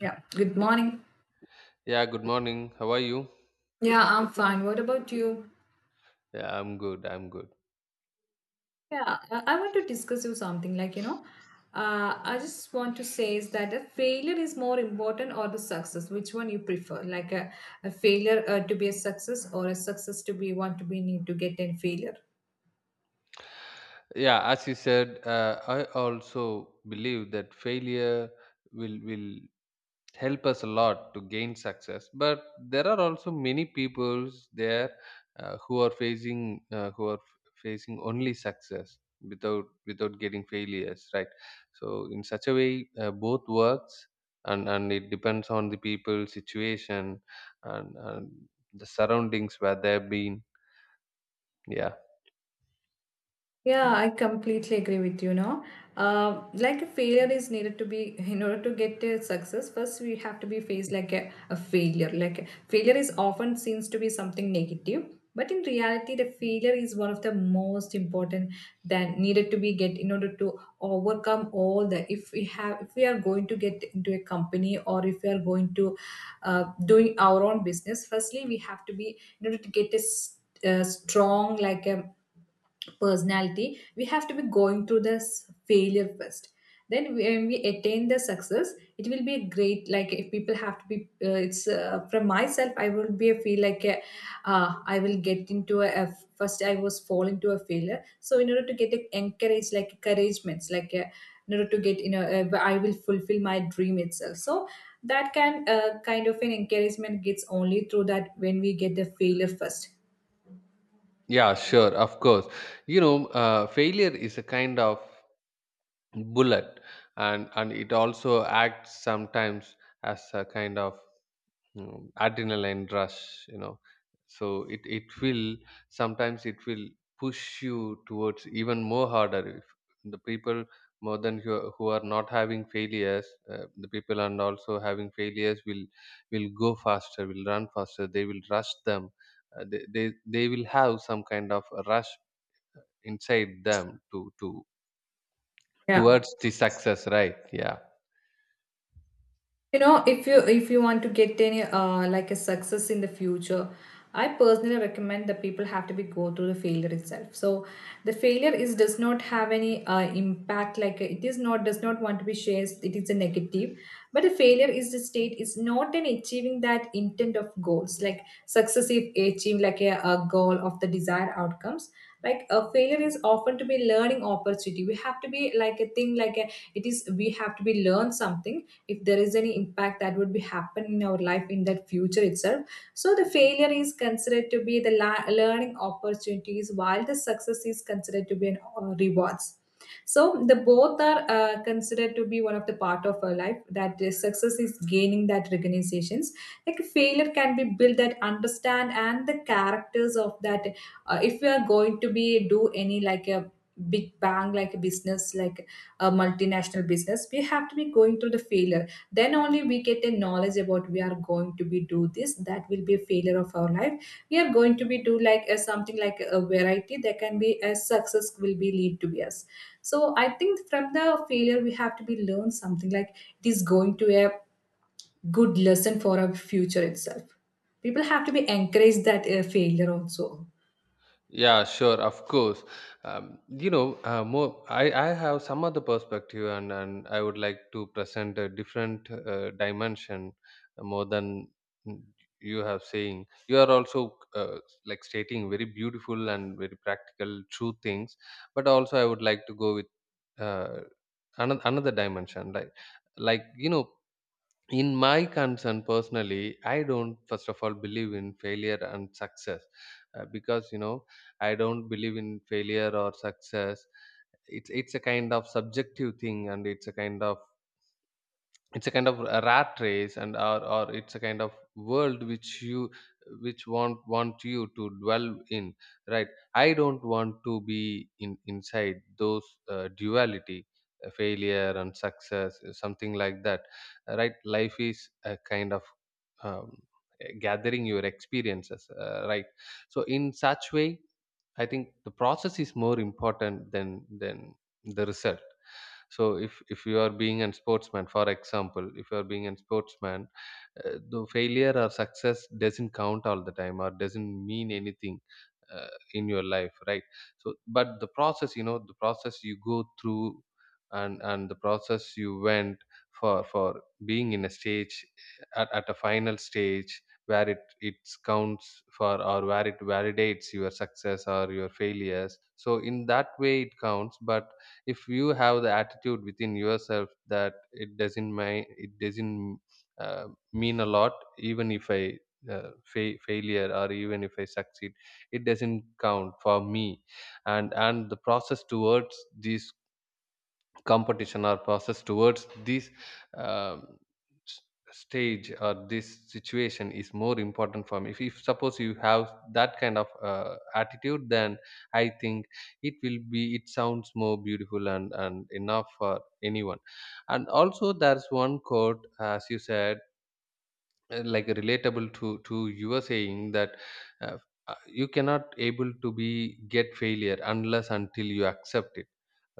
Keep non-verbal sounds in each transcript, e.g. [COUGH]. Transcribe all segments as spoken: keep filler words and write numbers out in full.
Yeah, good morning. Yeah, good morning. How are you? Yeah, I'm fine. What about you? Yeah, I'm good. I'm good. Yeah, I I want to discuss you something like, you know, uh, I just want to say is that a failure is more important or the success, which one you prefer? Like a, a failure uh, to be a success or a success to be one to be need to get a failure? Yeah, as you said, uh, I also believe that failure will will help us a lot to gain success. But there are also many people there uh, who are facing uh, who are facing only success without without getting failures, right? So in such a way, uh, both works, and and it depends on the people, situation, and, and the surroundings where they've been. Yeah. Yeah, I completely agree with you now. Uh, like a failure is needed to be in order to get a success. First, we have to be faced like a, a failure. Like a- failure is often seems to be something negative, but in reality, the failure is one of the most important that needed to be get in order to overcome all the. If we have, if we are going to get into a company or if we are going to uh, doing our own business, firstly we have to be in order to get a s- uh, strong like a personality we have to be going through this failure first, then when we attain the success it will be a great like if people have to be uh, it's uh, from myself I will be a feel like a, uh, I will get into a, a- first I was fall into a failure, so in order to get a encourage like encouragements like a, in order to get you know uh, I will fulfill my dream itself, so that can uh, kind of an encouragement gets only through that when we get the failure first. Yeah, sure, of course. You know, uh, failure is a kind of bullet, and and it also acts sometimes as a kind of mm, adrenaline rush. You know, so it it will sometimes it will push you towards even more harder. If the people more than who, who are not having failures, uh, the people and also having failures will will go faster, will run faster. They will rush them. Uh, they, they they will have some kind of rush inside them to to Yeah, towards the success, right? Yeah. you know, if you if you want to get any uh, like a success in the future, I personally recommend that people have to be go through the failure itself, so the failure is does not have any uh, impact like it is not does not want to be shared, it is a negative, but the failure is the state is not an achieving that intent of goals like successive achieve like a, a goal of the desired outcomes like a failure is often to be learning opportunity, we have to be like a thing like a, it is we have to be learn something if there is any impact that would be happen in our life in that future itself. So the failure is considered to be the la- learning opportunities, while the success is considered to be an uh, rewards. So the both are uh, considered to be one of the part of our life, that is success is gaining that recognitions like failure can be built that understand and the characters of that. Uh, if we are going to be do any like a big bang like a business like a multinational business, we have to be going through the failure, then only we get a knowledge about we are going to be do this, that will be a failure of our life. We are going to be do like a, something like a variety that can be a success will be lead to be us. So I think from the failure we have to be learn something like it is going to a good lesson for our future itself. People have to be encouraged that uh, failure also Yeah, sure, of course. Um, you know uh, more i i have some other perspective, and and I would like to present a different uh, dimension more than you have saying. You are also uh, like stating very beautiful and very practical true things, but also I would like to go with uh, another another dimension. like like you know, in my concern, personally I don't first of all believe in failure and success. Uh, because, you know, I don't believe in failure or success. It's it's a kind of subjective thing, and it's a kind of, it's a kind of a rat race, and or, or it's a kind of world which you, which want want you to dwell in, right? I don't want to be in inside those uh, duality, uh, failure and success, uh, something like that. Uh, right, life is a kind of um, gathering your experiences, uh, right? So in such way, I think the process is more important than than the result. So if if you are being a sportsman, for example, if you are being a sportsman, uh, though failure or success doesn't count all the time, or doesn't mean anything uh, in your life, right? So but the process, you know, the process you go through, and and the process you went for for being in a stage, at, at a final stage where it it counts for, or where it validates your success or your failures. So in that way it counts. But if you have the attitude within yourself that it doesn't mind, it doesn't uh, mean a lot, even if I uh, fa- failure, or even if I succeed, it doesn't count for me, and and the process towards this competition, or process towards this um, s- stage, or this situation is more important for me. if, if suppose you have that kind of uh, attitude, then I think it will be, it sounds more beautiful, and and enough for anyone. And also there's one quote, as you said, uh, like relatable to to you are saying that uh, uh, you cannot able to be get failure unless until you accept it,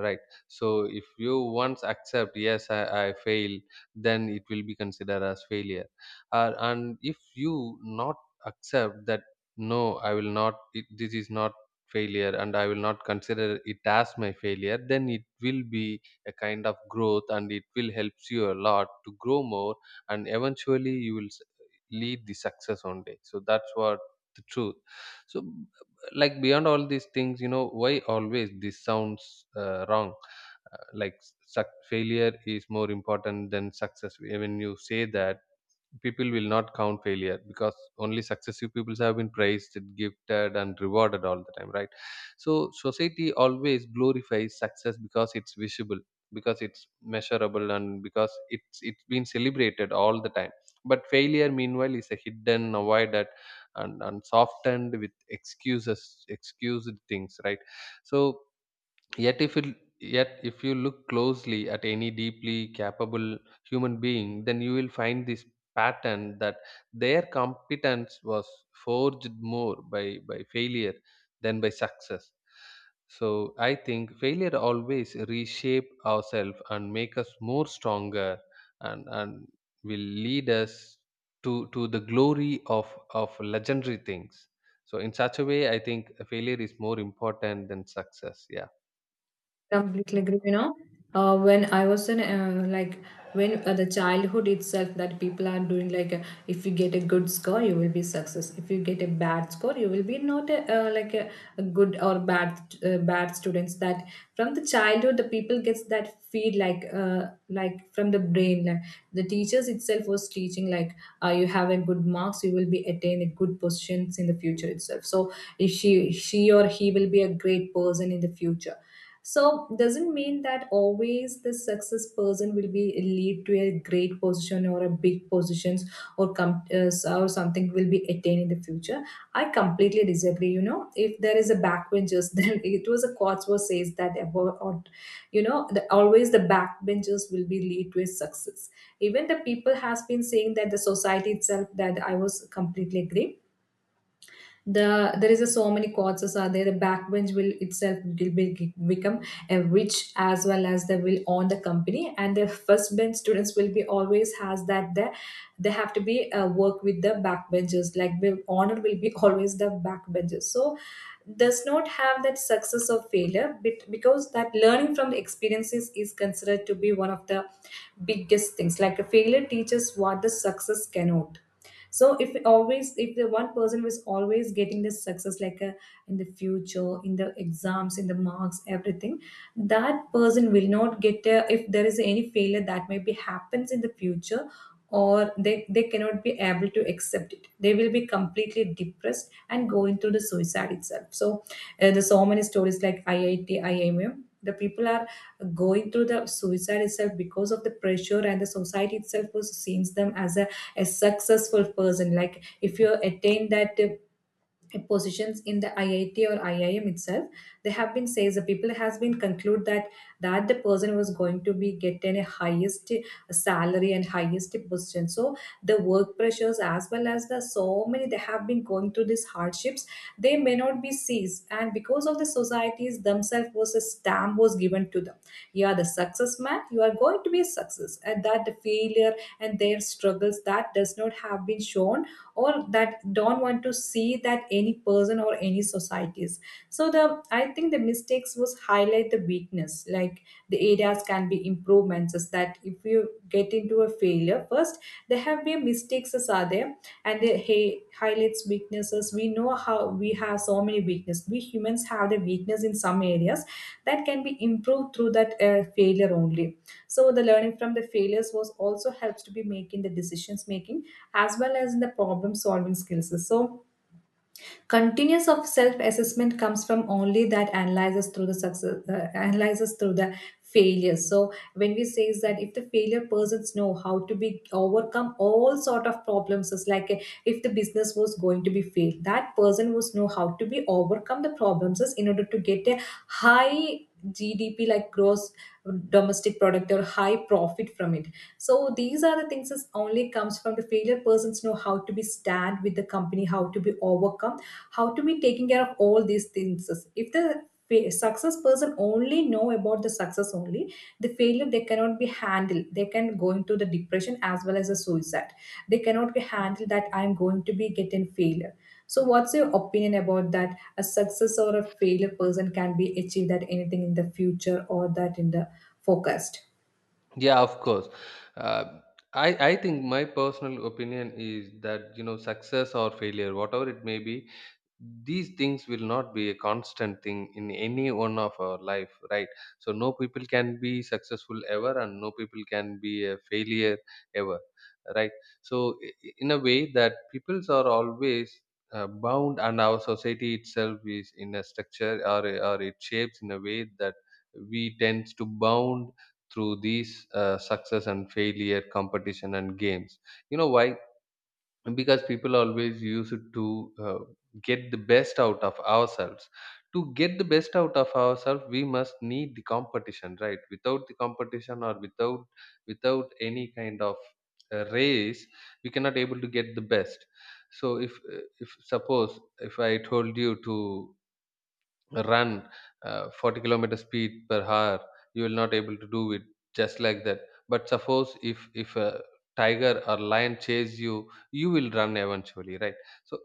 right? So if you once accept, yes, i, I fail, then it will be considered as failure. Uh, and if you not accept that, no, I will not, it, this is not failure, and I will not consider it as my failure, then it will be a kind of growth, and it will helps you a lot to grow more, and eventually you will lead the success one day. So that's what the truth. So like beyond all these things, you know, why always this sounds uh, wrong, uh, like, suc failure is more important than success. When you say that, people will not count failure, because only successive people have been praised, gifted, and rewarded all the time, right? So society always glorifies success because it's visible, because it's measurable, and because it's it's been celebrated all the time. But failure, meanwhile, is a hidden, avoided, and, and softened with excuses, excused things, right? So yet, if it, yet if you look closely at any deeply capable human being, then you will find this pattern, that their competence was forged more by, by failure than by success. So I think failure always reshape ourselves and make us more stronger, and, and will lead us to, to the glory of, of legendary things. So in such a way, I think failure is more important than success. Yeah. completely agree, you know. Uh, when I was in uh, like when uh, the childhood itself that people are doing like, uh, if you get a good score you will be success, if you get a bad score you will be not a, uh, like a, a good or bad uh, bad students that from the childhood the people gets that feed like, uh, like from the brain like the teachers itself was teaching like, uh, you have a good marks you will be attain a good positions in the future itself. So if she she or he will be a great person in the future, so doesn't mean that always the success person will be lead to a great position or a big positions or com- uh, or something will be attained in the future. I completely disagree, you know, if there is a backbenchers [LAUGHS] then it was a Cotsworth says that about, or, you know, the, always the backbenchers will be lead to a success, even the people has been saying that the society itself, that I was completely agree. The there is a so many causes are there, the backbench will itself will be, become a rich as well as they will own the company, and the first bench students will be always has that the they have to be uh, work with the backbenchers, like the honor will be [LAUGHS] always the backbenchers, so does not have that success or failure, but because that learning from the experiences is considered to be one of the biggest things, like a failure teaches what the success cannot. So if always if the one person was always getting this success like a, in the future, in the exams in the marks everything, that person will not get a, if there is any failure that maybe happens in the future, or they, they cannot be able to accept it, they will be completely depressed and go into the suicide itself. So uh, there's so many stories like I I T I M M, the people are going through the suicide itself because of the pressure, and the society itself was sees them as a a successful person. Like if you attain that uh, positions in the I I T or I I M itself, they have been says, the people has been conclude that that the person was going to be getting a highest uh, salary and highest position. So the work pressures as well as the so many they have been going through these hardships, they may not be seized. And because of the societies themselves was a stamp was given to them. You are the success man, you are going to be a success. And that the failure and their struggles that does not have been shown, or that don't want to see that any person or any societies. So the I think the mistakes was highlight the weakness, like the areas can be improvements is that if you get into a failure first, there have been mistakes as are there, and they hey, highlights weaknesses, we know how we have so many weaknesses, we humans have the weakness in some areas that can be improved through that uh, failure only. So the learning from the failures was also helps to be making the decisions making as well as in the problem solving skills. So, continuous of self assessment comes from only that analyzes through the success, uh, analyzes through the failures. So when we say is that if the failure persons know how to be overcome all sort of problems is like eh, if the business was going to be failed, that person was know how to be overcome the problems is in order to get a high G D P, like gross domestic product, or high profit from it. So these are the things that only comes from the failure persons know how to be stand with the company, how to be overcome, how to be taking care of all these things. If the fa- success person only know about the success only, the failure they cannot be handled, they can go into the depression as well as a suicide, they cannot be handled that I'm going to be getting failure. So what's your opinion about that a success or a failure person can be achieved that anything in the future or that in the forecast? Yeah, of course. Uh, i i think my personal opinion is that, you know, success or failure, whatever it may be, these things will not be a constant thing in any one of our life, right? So no people can be successful ever, and no people can be a failure ever, right? So i- i- in a way that peoples are always uh, bound, and our society itself is in a structure, or, or it shapes in a way that we tends to bound through these uh, success and failure competition and games. You know why? Because people always use it to uh, get the best out of ourselves. To get the best out of ourselves, we must need the competition, right? Without the competition, or without without any kind of uh, race, we cannot able to get the best. So if uh, if suppose if I told you to run uh, forty kilometers speed per hour, you will not able to do it just like that. But suppose if if a tiger or lion chase you, you will run eventually, right? So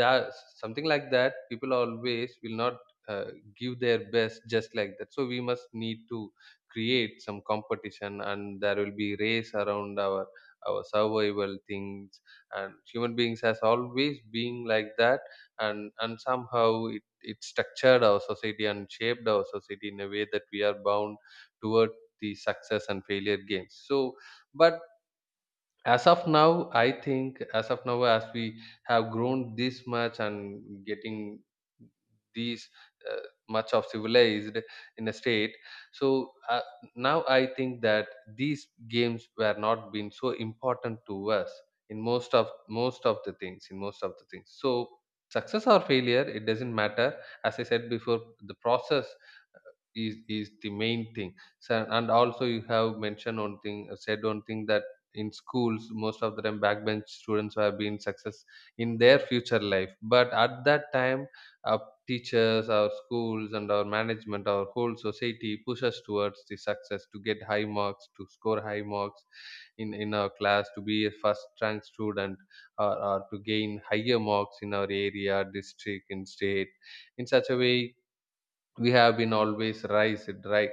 that something like that, people always will not uh, give their best just like that. So we must need to create some competition, and there will be race around our our survival things. And human beings has always been like that. And and somehow it structured our society and shaped our society in a way that we are bound toward the success and failure games. So but as of now, I think, as of now, as we have grown this much and getting these uh, much of civilized in a state. So uh, now I think that these games were not been so important to us in most of, most of the things, in most of the things. So success or failure, it doesn't matter. As I said before, the process uh, is is the main thing. So, and also you have mentioned one thing, said one thing, that in schools most of the time backbench students have been success in their future life. But at that time, our teachers, our schools, and our management, our whole society push us towards the success, to get high marks, to score high marks in in our class, to be a first rank student, or, or to gain higher marks in our area, district, in state. In such a way, we have been always raised, right?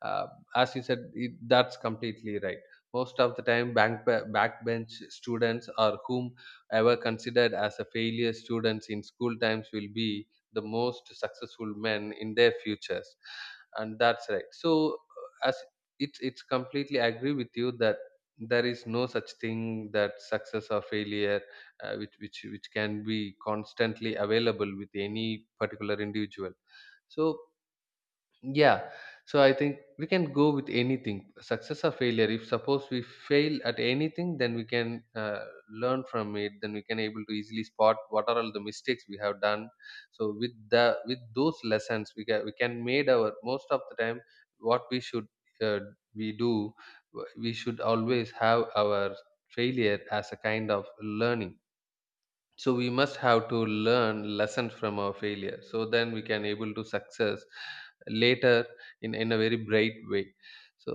uh, as you said it, that's completely right. Most of the time, bank backbench students, or whom ever considered as a failure students in school times, will be the most successful men in their futures. And that's right. So uh, as, it's it's completely agree with you that there is no such thing that success or failure uh, which which which can be constantly available with any particular individual. So yeah, so I think we can go with anything, success or failure. If suppose we fail at anything, then we can uh, learn from it. Then we can able to easily spot what are all the mistakes we have done. So with the, with those lessons, we can, we can made our most of the time what we should uh, we do, we should always have our failure as a kind of learning. So we must have to learn lessons from our failure, so then we can able to success later, in in a very bright way. So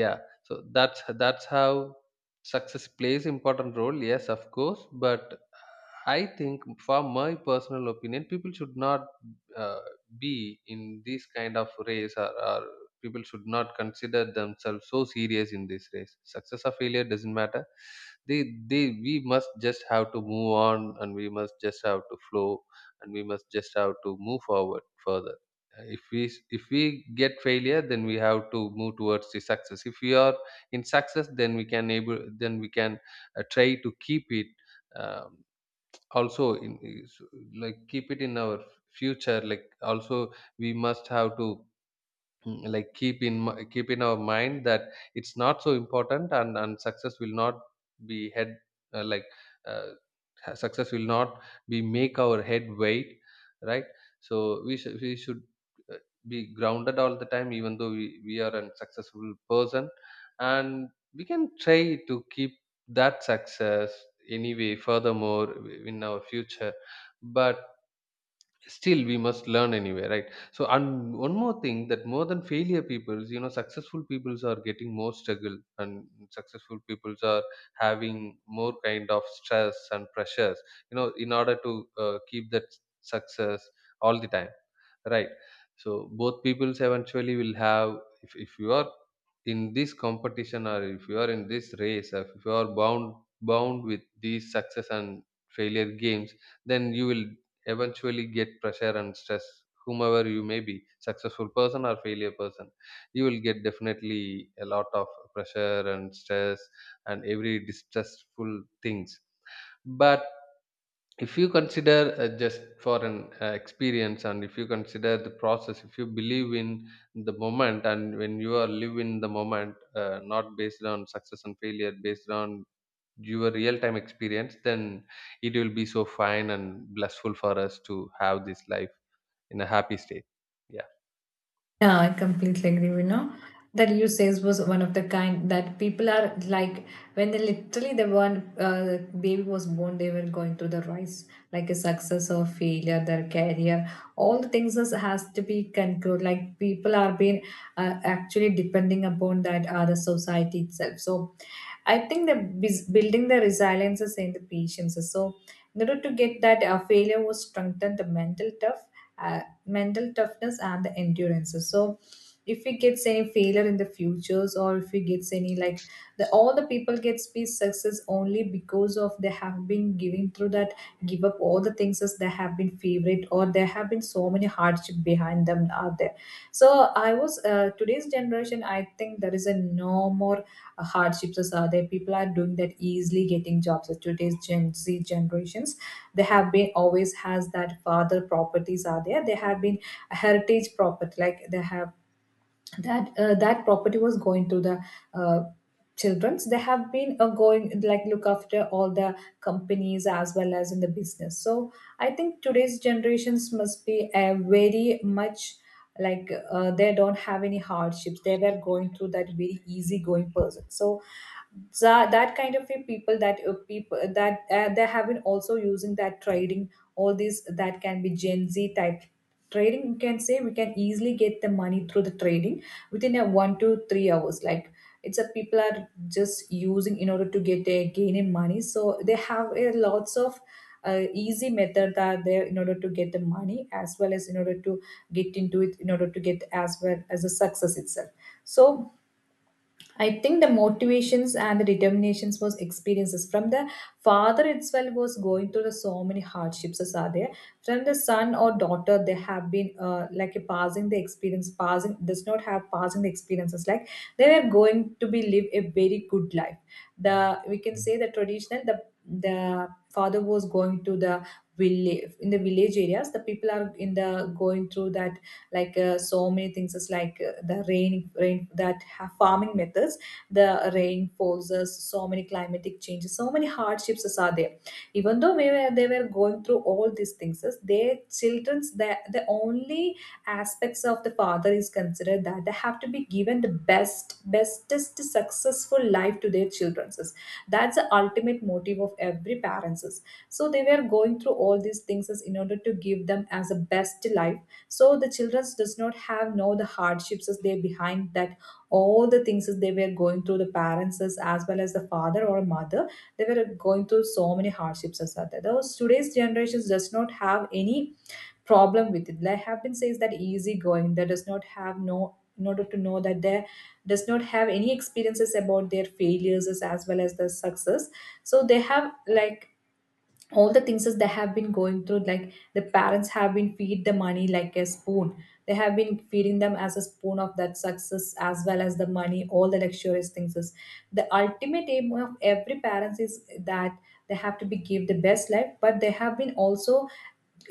yeah. So that's that's how success plays important role, yes, of course. But I think for my personal opinion, people should not uh, be in this kind of race, or, or people should not consider themselves so serious in this race. Success or failure doesn't matter. They they, we must just have to move on, and we must just have to flow, and we must just have to move forward further. Uh, if we s- if we get failure, then we have to move towards the success. If we are in success, then we can able, then we can uh, try to keep it um, also in is- like, keep it in our future, like, also we must have to Mm, like keep in mi- keep in our mind that it's not so important, and and success will not be head, uh, like, uh, ha- success will not be make our head weight, right? So we should, we should uh, be grounded all the time, even though we, we are a successful person, and we can try to keep that success anyway furthermore in our future. But still we must learn anyway, right? So and one more thing, that more than failure peoples, you know, successful peoples are getting more struggle, and successful peoples are having more kind of stress and pressures, you know, in order to uh, keep that success all the time, right? So both peoples eventually will have, if, if you are in this competition, or if you are in this race, or if you are bound bound with these success and failure games, then you will eventually get pressure and stress. Whomever you may be, successful person or failure person, you will get definitely a lot of pressure and stress and every distressful things. But if you consider uh, just for an uh, experience, and if you consider the process, if you believe in the moment, and when you are live in the moment, uh, not based on success and failure, based on your real time experience, then it will be so fine and blissful for us to have this life in a happy state. Yeah. Yeah, I completely agree. You know that you says was one of the kind that people are like when they literally the one uh, baby was born, they were going through the rise like a success or failure, their career, all the things is, has to be concluded. Like people are being uh, actually depending upon that other society itself. So I think the bus- building the resilience is in the patience. So in order to get that uh, failure was strengthen the mental tough uh, mental toughness and the endurance. So if he gets any failure in the futures, or if he gets any like the all the people gets be success only because of they have been giving through that, give up all the things as they have been favorite, or there have been so many hardship behind them are there. So I was, uh, today's generation I think there is a no more uh, hardships as are there. People are doing that easily, getting jobs with today's Gen Z generations. They have been always has that father properties are there. They have been a heritage property, like they have that uh, that property was going to the uh, children's. They have been uh, going, like, look after all the companies as well as in the business. So I think today's generations must be uh, very much, like, uh, they don't have any hardships. They were going through that very easy going person. So that, that kind of a people, that uh, people that uh, they have been also using that trading, all these that can be Gen Z type trading, you can say, we can easily get the money through the trading within a one to three hours, like, it's a people are just using in order to get a gain in money. So they have a lots of uh, easy method that there in order to get the money, as well as in order to get into it, in order to get as well as a success itself. So I think the motivations and the determinations was experiences from the father itself was going through the so many hardships as are there from the son or daughter. They have been uh, like a passing the experience, passing does not have, passing the experiences, like they were going to be live a very good life. The we can say the traditional the the father was going to the village. In the village areas the people are in the going through that, like, uh, so many things is, like, uh, the rain rain that have farming methods. The rain forces, so many climatic changes, so many hardships is are there. Even though we were, they were going through all these things is their children's, the, the only aspects of the father is considered that they have to be given the best bestest successful life to their children's is. That's the ultimate motive of every parents is. So they were going through all these things is in order to give them as a best life. So the children does not have know the hardships as they behind that, all the things as they were going through the parents as, as well as the father or mother, they were going through so many hardships as that. Those today's generations does not have any problem with it. Like have been says that easy going, that does not have no in order to know that they does not have any experiences about their failures as as well as the success. So they have, like, all the things that they have been going through, like the parents have been feed the money like a spoon, they have been feeding them as a spoon of that success as well as the money, all the luxurious things is the ultimate aim of every parents is that they have to be give the best life, but they have been also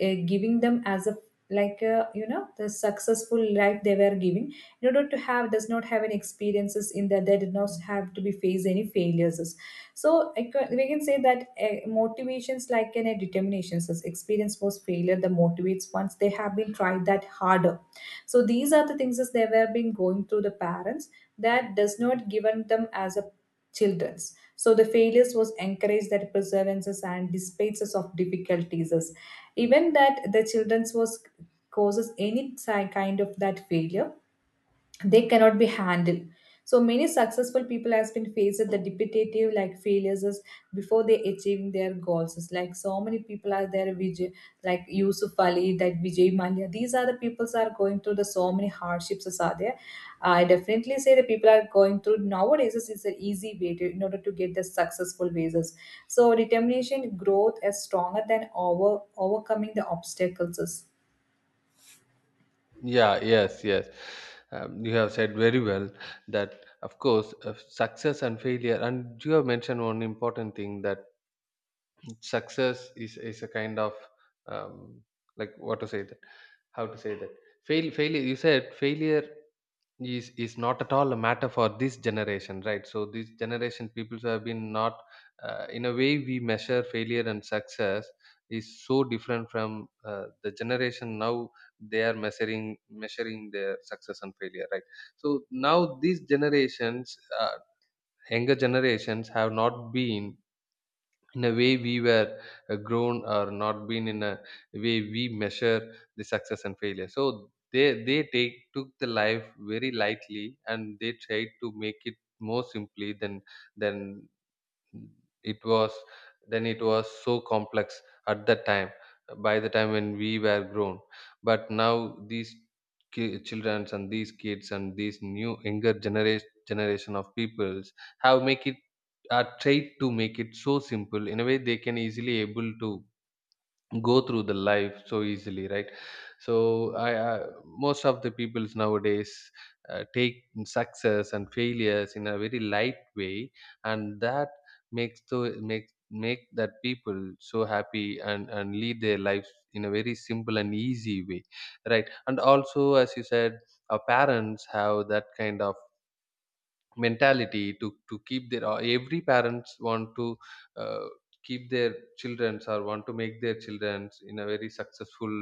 uh, giving them as a, like a, you know the successful life they were giving, in order to have does not have any experiences in that they did not have to be face any failures. So I ca- we can say that uh, motivations like in a determinations as experience was failure that motivates once they have been tried that harder. So these are the things as they were been going through the parents that does not given them as a children's. So the failures was encouraged that perseverances and despaces of difficulties is even that the children's was causes any si- kind of that failure, they cannot be handled. So many successful people has been faced with the repetitive like failures is before they achieving their goals. It's like so many people are there. Vijay, like Yusuf Ali, that Vijay Malia, these are the peoples are going through the so many hardships is are there. I definitely say the people are going through nowadays is is an easy way to, in order to get the successful basis. So determination growth is stronger than over overcoming the obstacles. Yeah, yes, yes. Um, you have said very well that of course, uh, success and failure, and you have mentioned one important thing, that success is is a kind of um, like what to say that, how to say that, fail failure you said failure is is not at all a matter for this generation, right? So this generation people have been not, uh, in a way we measure failure and success is so different from uh, the generation now they are measuring measuring their success and failure, right? So now these generations, uh, younger generations have not been in a way we were uh, grown, or not been in a way we measure the success and failure. So they they take took the life very lightly, and they tried to make it more simply than than it was, then it was so complex at that time, by the time when we were grown. But now these ki- children and these kids and these new younger generation generation of peoples have make it are tried to make it so simple, in a way they can easily able to go through the life so easily, right? So i, I most of the peoples nowadays uh, take success and failures in a very light way, and that makes to make make that people so happy, and and lead their lives in a very simple and easy way, right? And also as you said, our parents have that kind of mentality to to keep their, uh, every parents want to uh, keep their childrens, or want to make their childrens in a very successful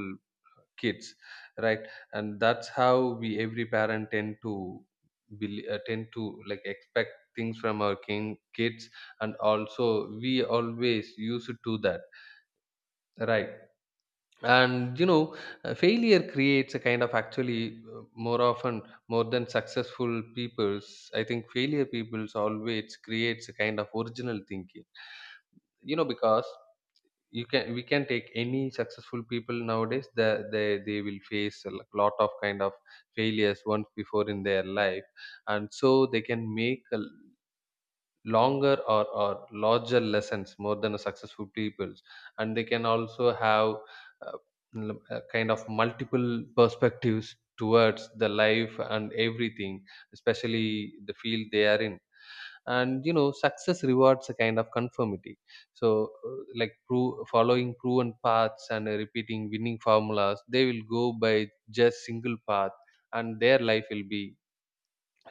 kids, right? And that's how we every parent tend to bel- uh, tend to like expect things from our king kids, and also we always used to do that, right? And you know, uh, failure creates a kind of, actually, uh, more often, more than successful people's, I think failure people's always creates a kind of original thinking, you know, because you can we can take any successful people nowadays, they they, they will face a lo- lot of kind of failures once before in their life, and so they can make a longer or, or larger lessons more than a successful people's. And they can also have uh, l- uh, kind of multiple perspectives towards the life and everything, especially the field they are in. And you know, success rewards a kind of conformity. So uh, like pro- following proven paths and uh, repeating winning formulas, they will go by just single path, and their life will be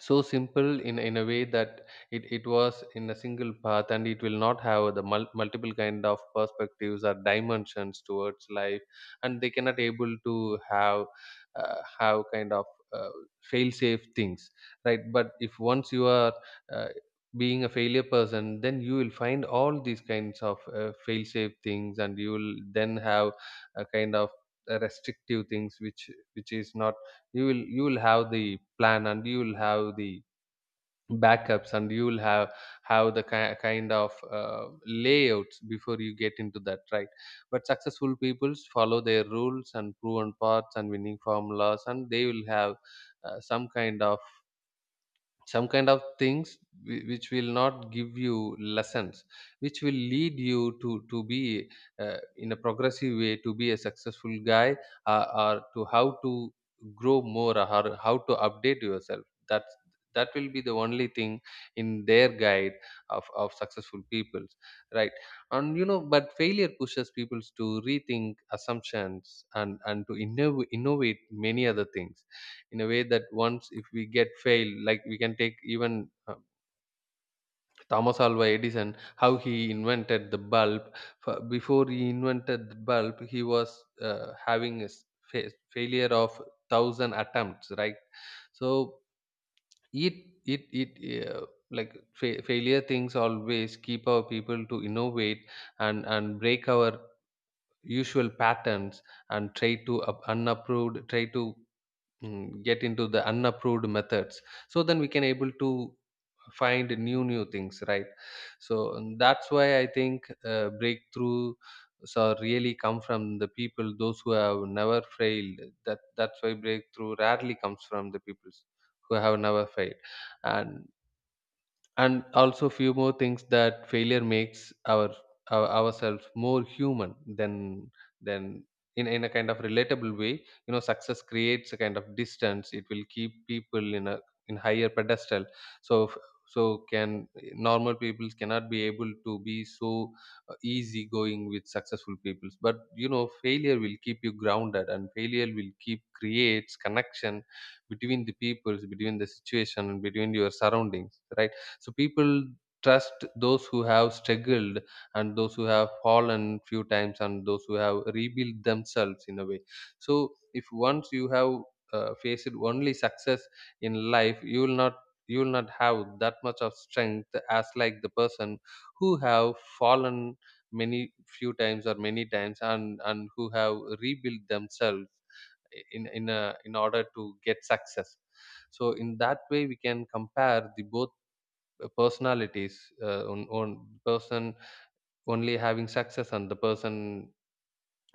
so simple in in a way that it, it was in a single path, and it will not have the mul- multiple kind of perspectives or dimensions towards life. And they cannot able to have uh, have kind of uh, fail safe things, right? But if once you are uh, being a failure person, then you will find all these kinds of uh, fail safe things, and you will then have a kind of uh, restrictive things, which which is not, you will you will have the plan, and you will have the backups, and you will have have the ki- kind of uh, layouts before you get into that, right? But successful peoples follow their rules and proven paths and winning formulas, and they will have uh, some kind of some kind of things whi- which will not give you lessons, which will lead you to to be uh, in a progressive way to be a successful guy, uh, or to how to grow more, or how how to update yourself. That's that will be the only thing in their guide of, of successful peoples, right? And you know, but failure pushes people to rethink assumptions and and to innov- innovate many other things, in a way that once if we get fail, like we can take even, uh, Thomas Alva Edison, how he invented the bulb. F- before he invented the bulb, he was uh, having a s- fa- failure of one thousand attempts, right? So it it it uh, like fa- failure things always keep our people to innovate, and and break our usual patterns, and try to up- unapproved, try to mm, get into the unapproved methods. So then we can able to find new new things, right? So and that's why I think, uh, breakthrough so really come from the people those who have never failed. That that's why breakthrough rarely comes from the people who have never failed. and and also few more things, that failure makes our, our ourselves more human than than in, in a kind of relatable way. You know, success creates a kind of distance, it will keep people in a in higher pedestal. So f- so can normal people cannot be able to be so uh, easy going with successful peoples. But you know, failure will keep you grounded, and failure will keep creates connection between the peoples, between the situation, and between your surroundings, right? So people trust those who have struggled, and those who have fallen few times, and those who have rebuilt themselves in a way. So if once you have uh, faced only success in life, you will not you will not have that much of strength as like the person who have fallen many few times, or many times, and and who have rebuilt themselves in in a, in order to get success. So in that way we can compare the both personalities, uh, on, on person only having success, and the person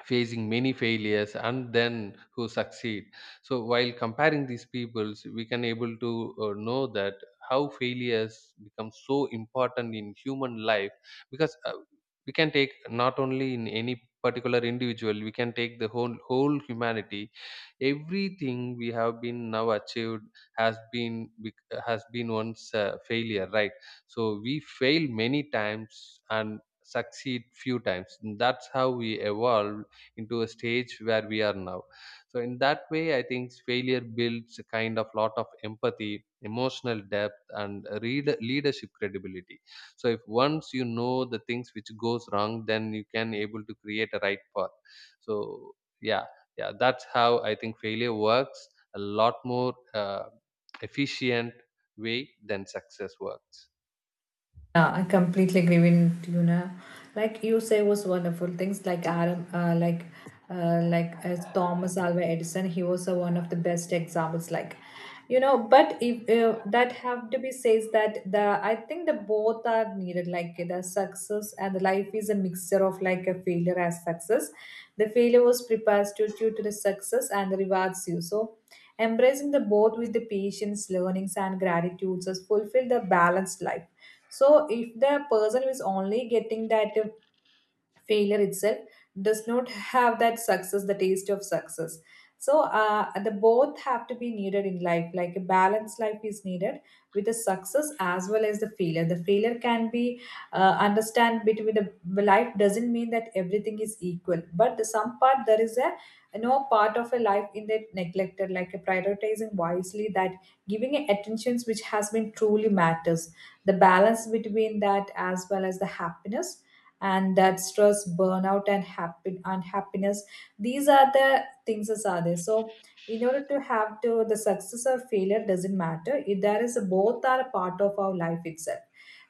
facing many failures, and then who succeed. So while comparing these peoples, we can able to uh, know that how failures become so important in human life. Because uh, we can take not only in any particular individual, we can take the whole whole humanity. Everything we have been now achieved has been bec- has been once a failure, right? So we fail many times and succeed few times, that's how we evolve into a stage where we are now. So in that way I think failure builds a kind of lot of empathy, emotional depth, and read, leadership credibility. So if once you know the things which goes wrong, then you can able to create a right path. So yeah. Yeah, that's how I think failure works a lot more uh, efficient way than success works. Yeah, I completely agree with you now. Like you say, was wonderful things like Adam, uh, like uh, like as Thomas Alva Edison, he was uh, one of the best examples. Like, you know, but if uh, that have to be says that the I think the both are needed. Like the success and the life is a mixture of like a failure as success. The failure was prepares you to you to the success and rewards you. So embracing the both with the patience, learnings, and gratitudes has fulfilled the balanced life. So if the person is only getting that failure itself, does not have that success, the taste of success. So uh, the both have to be needed in life, like a balanced life is needed with the success as well as the failure the failure can be uh, understand between the life doesn't mean that everything is equal, but the some part there is a no part of a life in that neglected, like a prioritizing wisely, that giving a attentions which has been truly matters, the balance between that as well as the happiness, and that stress, burnout, and happy unhappiness, these are the things that are there. So in order to have to the success or failure doesn't matter, if there is a, both are a part of our life itself.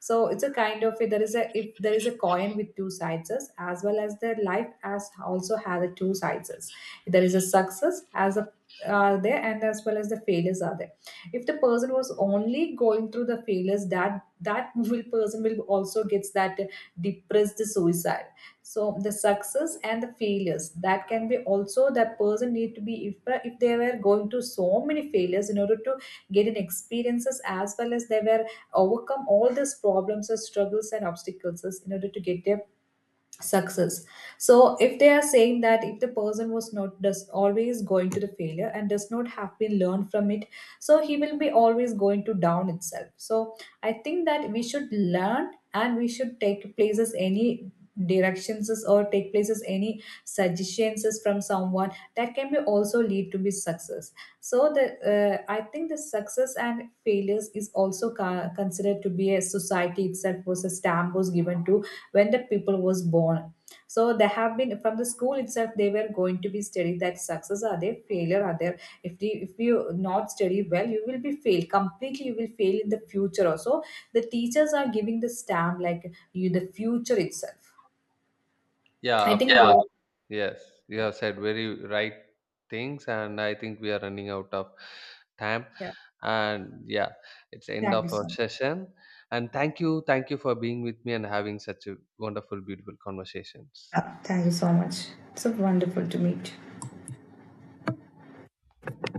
So it's a kind of, there is a, if there is a coin with two sides, as as well as the life as also has a two sides. There is a success as a are there, and as well as the failures are there. If the person was only going through the failures, that that will person will also gets that depressed suicide. So the success and the failures that can be also that person need to be, if, if they were going to so many failures in order to get in experiences, as well as they were overcome all these problems or struggles and obstacles in order to get their success. So if they are saying that if the person was not does always going to the failure and does not have been learned from it, so he will be always going to down itself. So I think that we should learn and we should take places any directions is- or take places any suggestions is from someone, that can be also lead to be success. So the uh, I think the success and failures is also ca- considered to be a society itself was a stamp was given to when the people was born. So they have been, from the school itself they were going to be studying that success are there, failure are there, if you if you not study well you will be fail completely, you will fail in the future also. The teachers are giving the stamp like you the future itself. Yeah, I think, of yeah, course. those. Yes, you have said very right things, and I think we are running out of time. Yeah, And yeah, it's the end thank of you our so much. session. And thank you, thank you for being with me, and having such a wonderful, beautiful conversations. Yeah, thank you so much. It's so wonderful to meet you.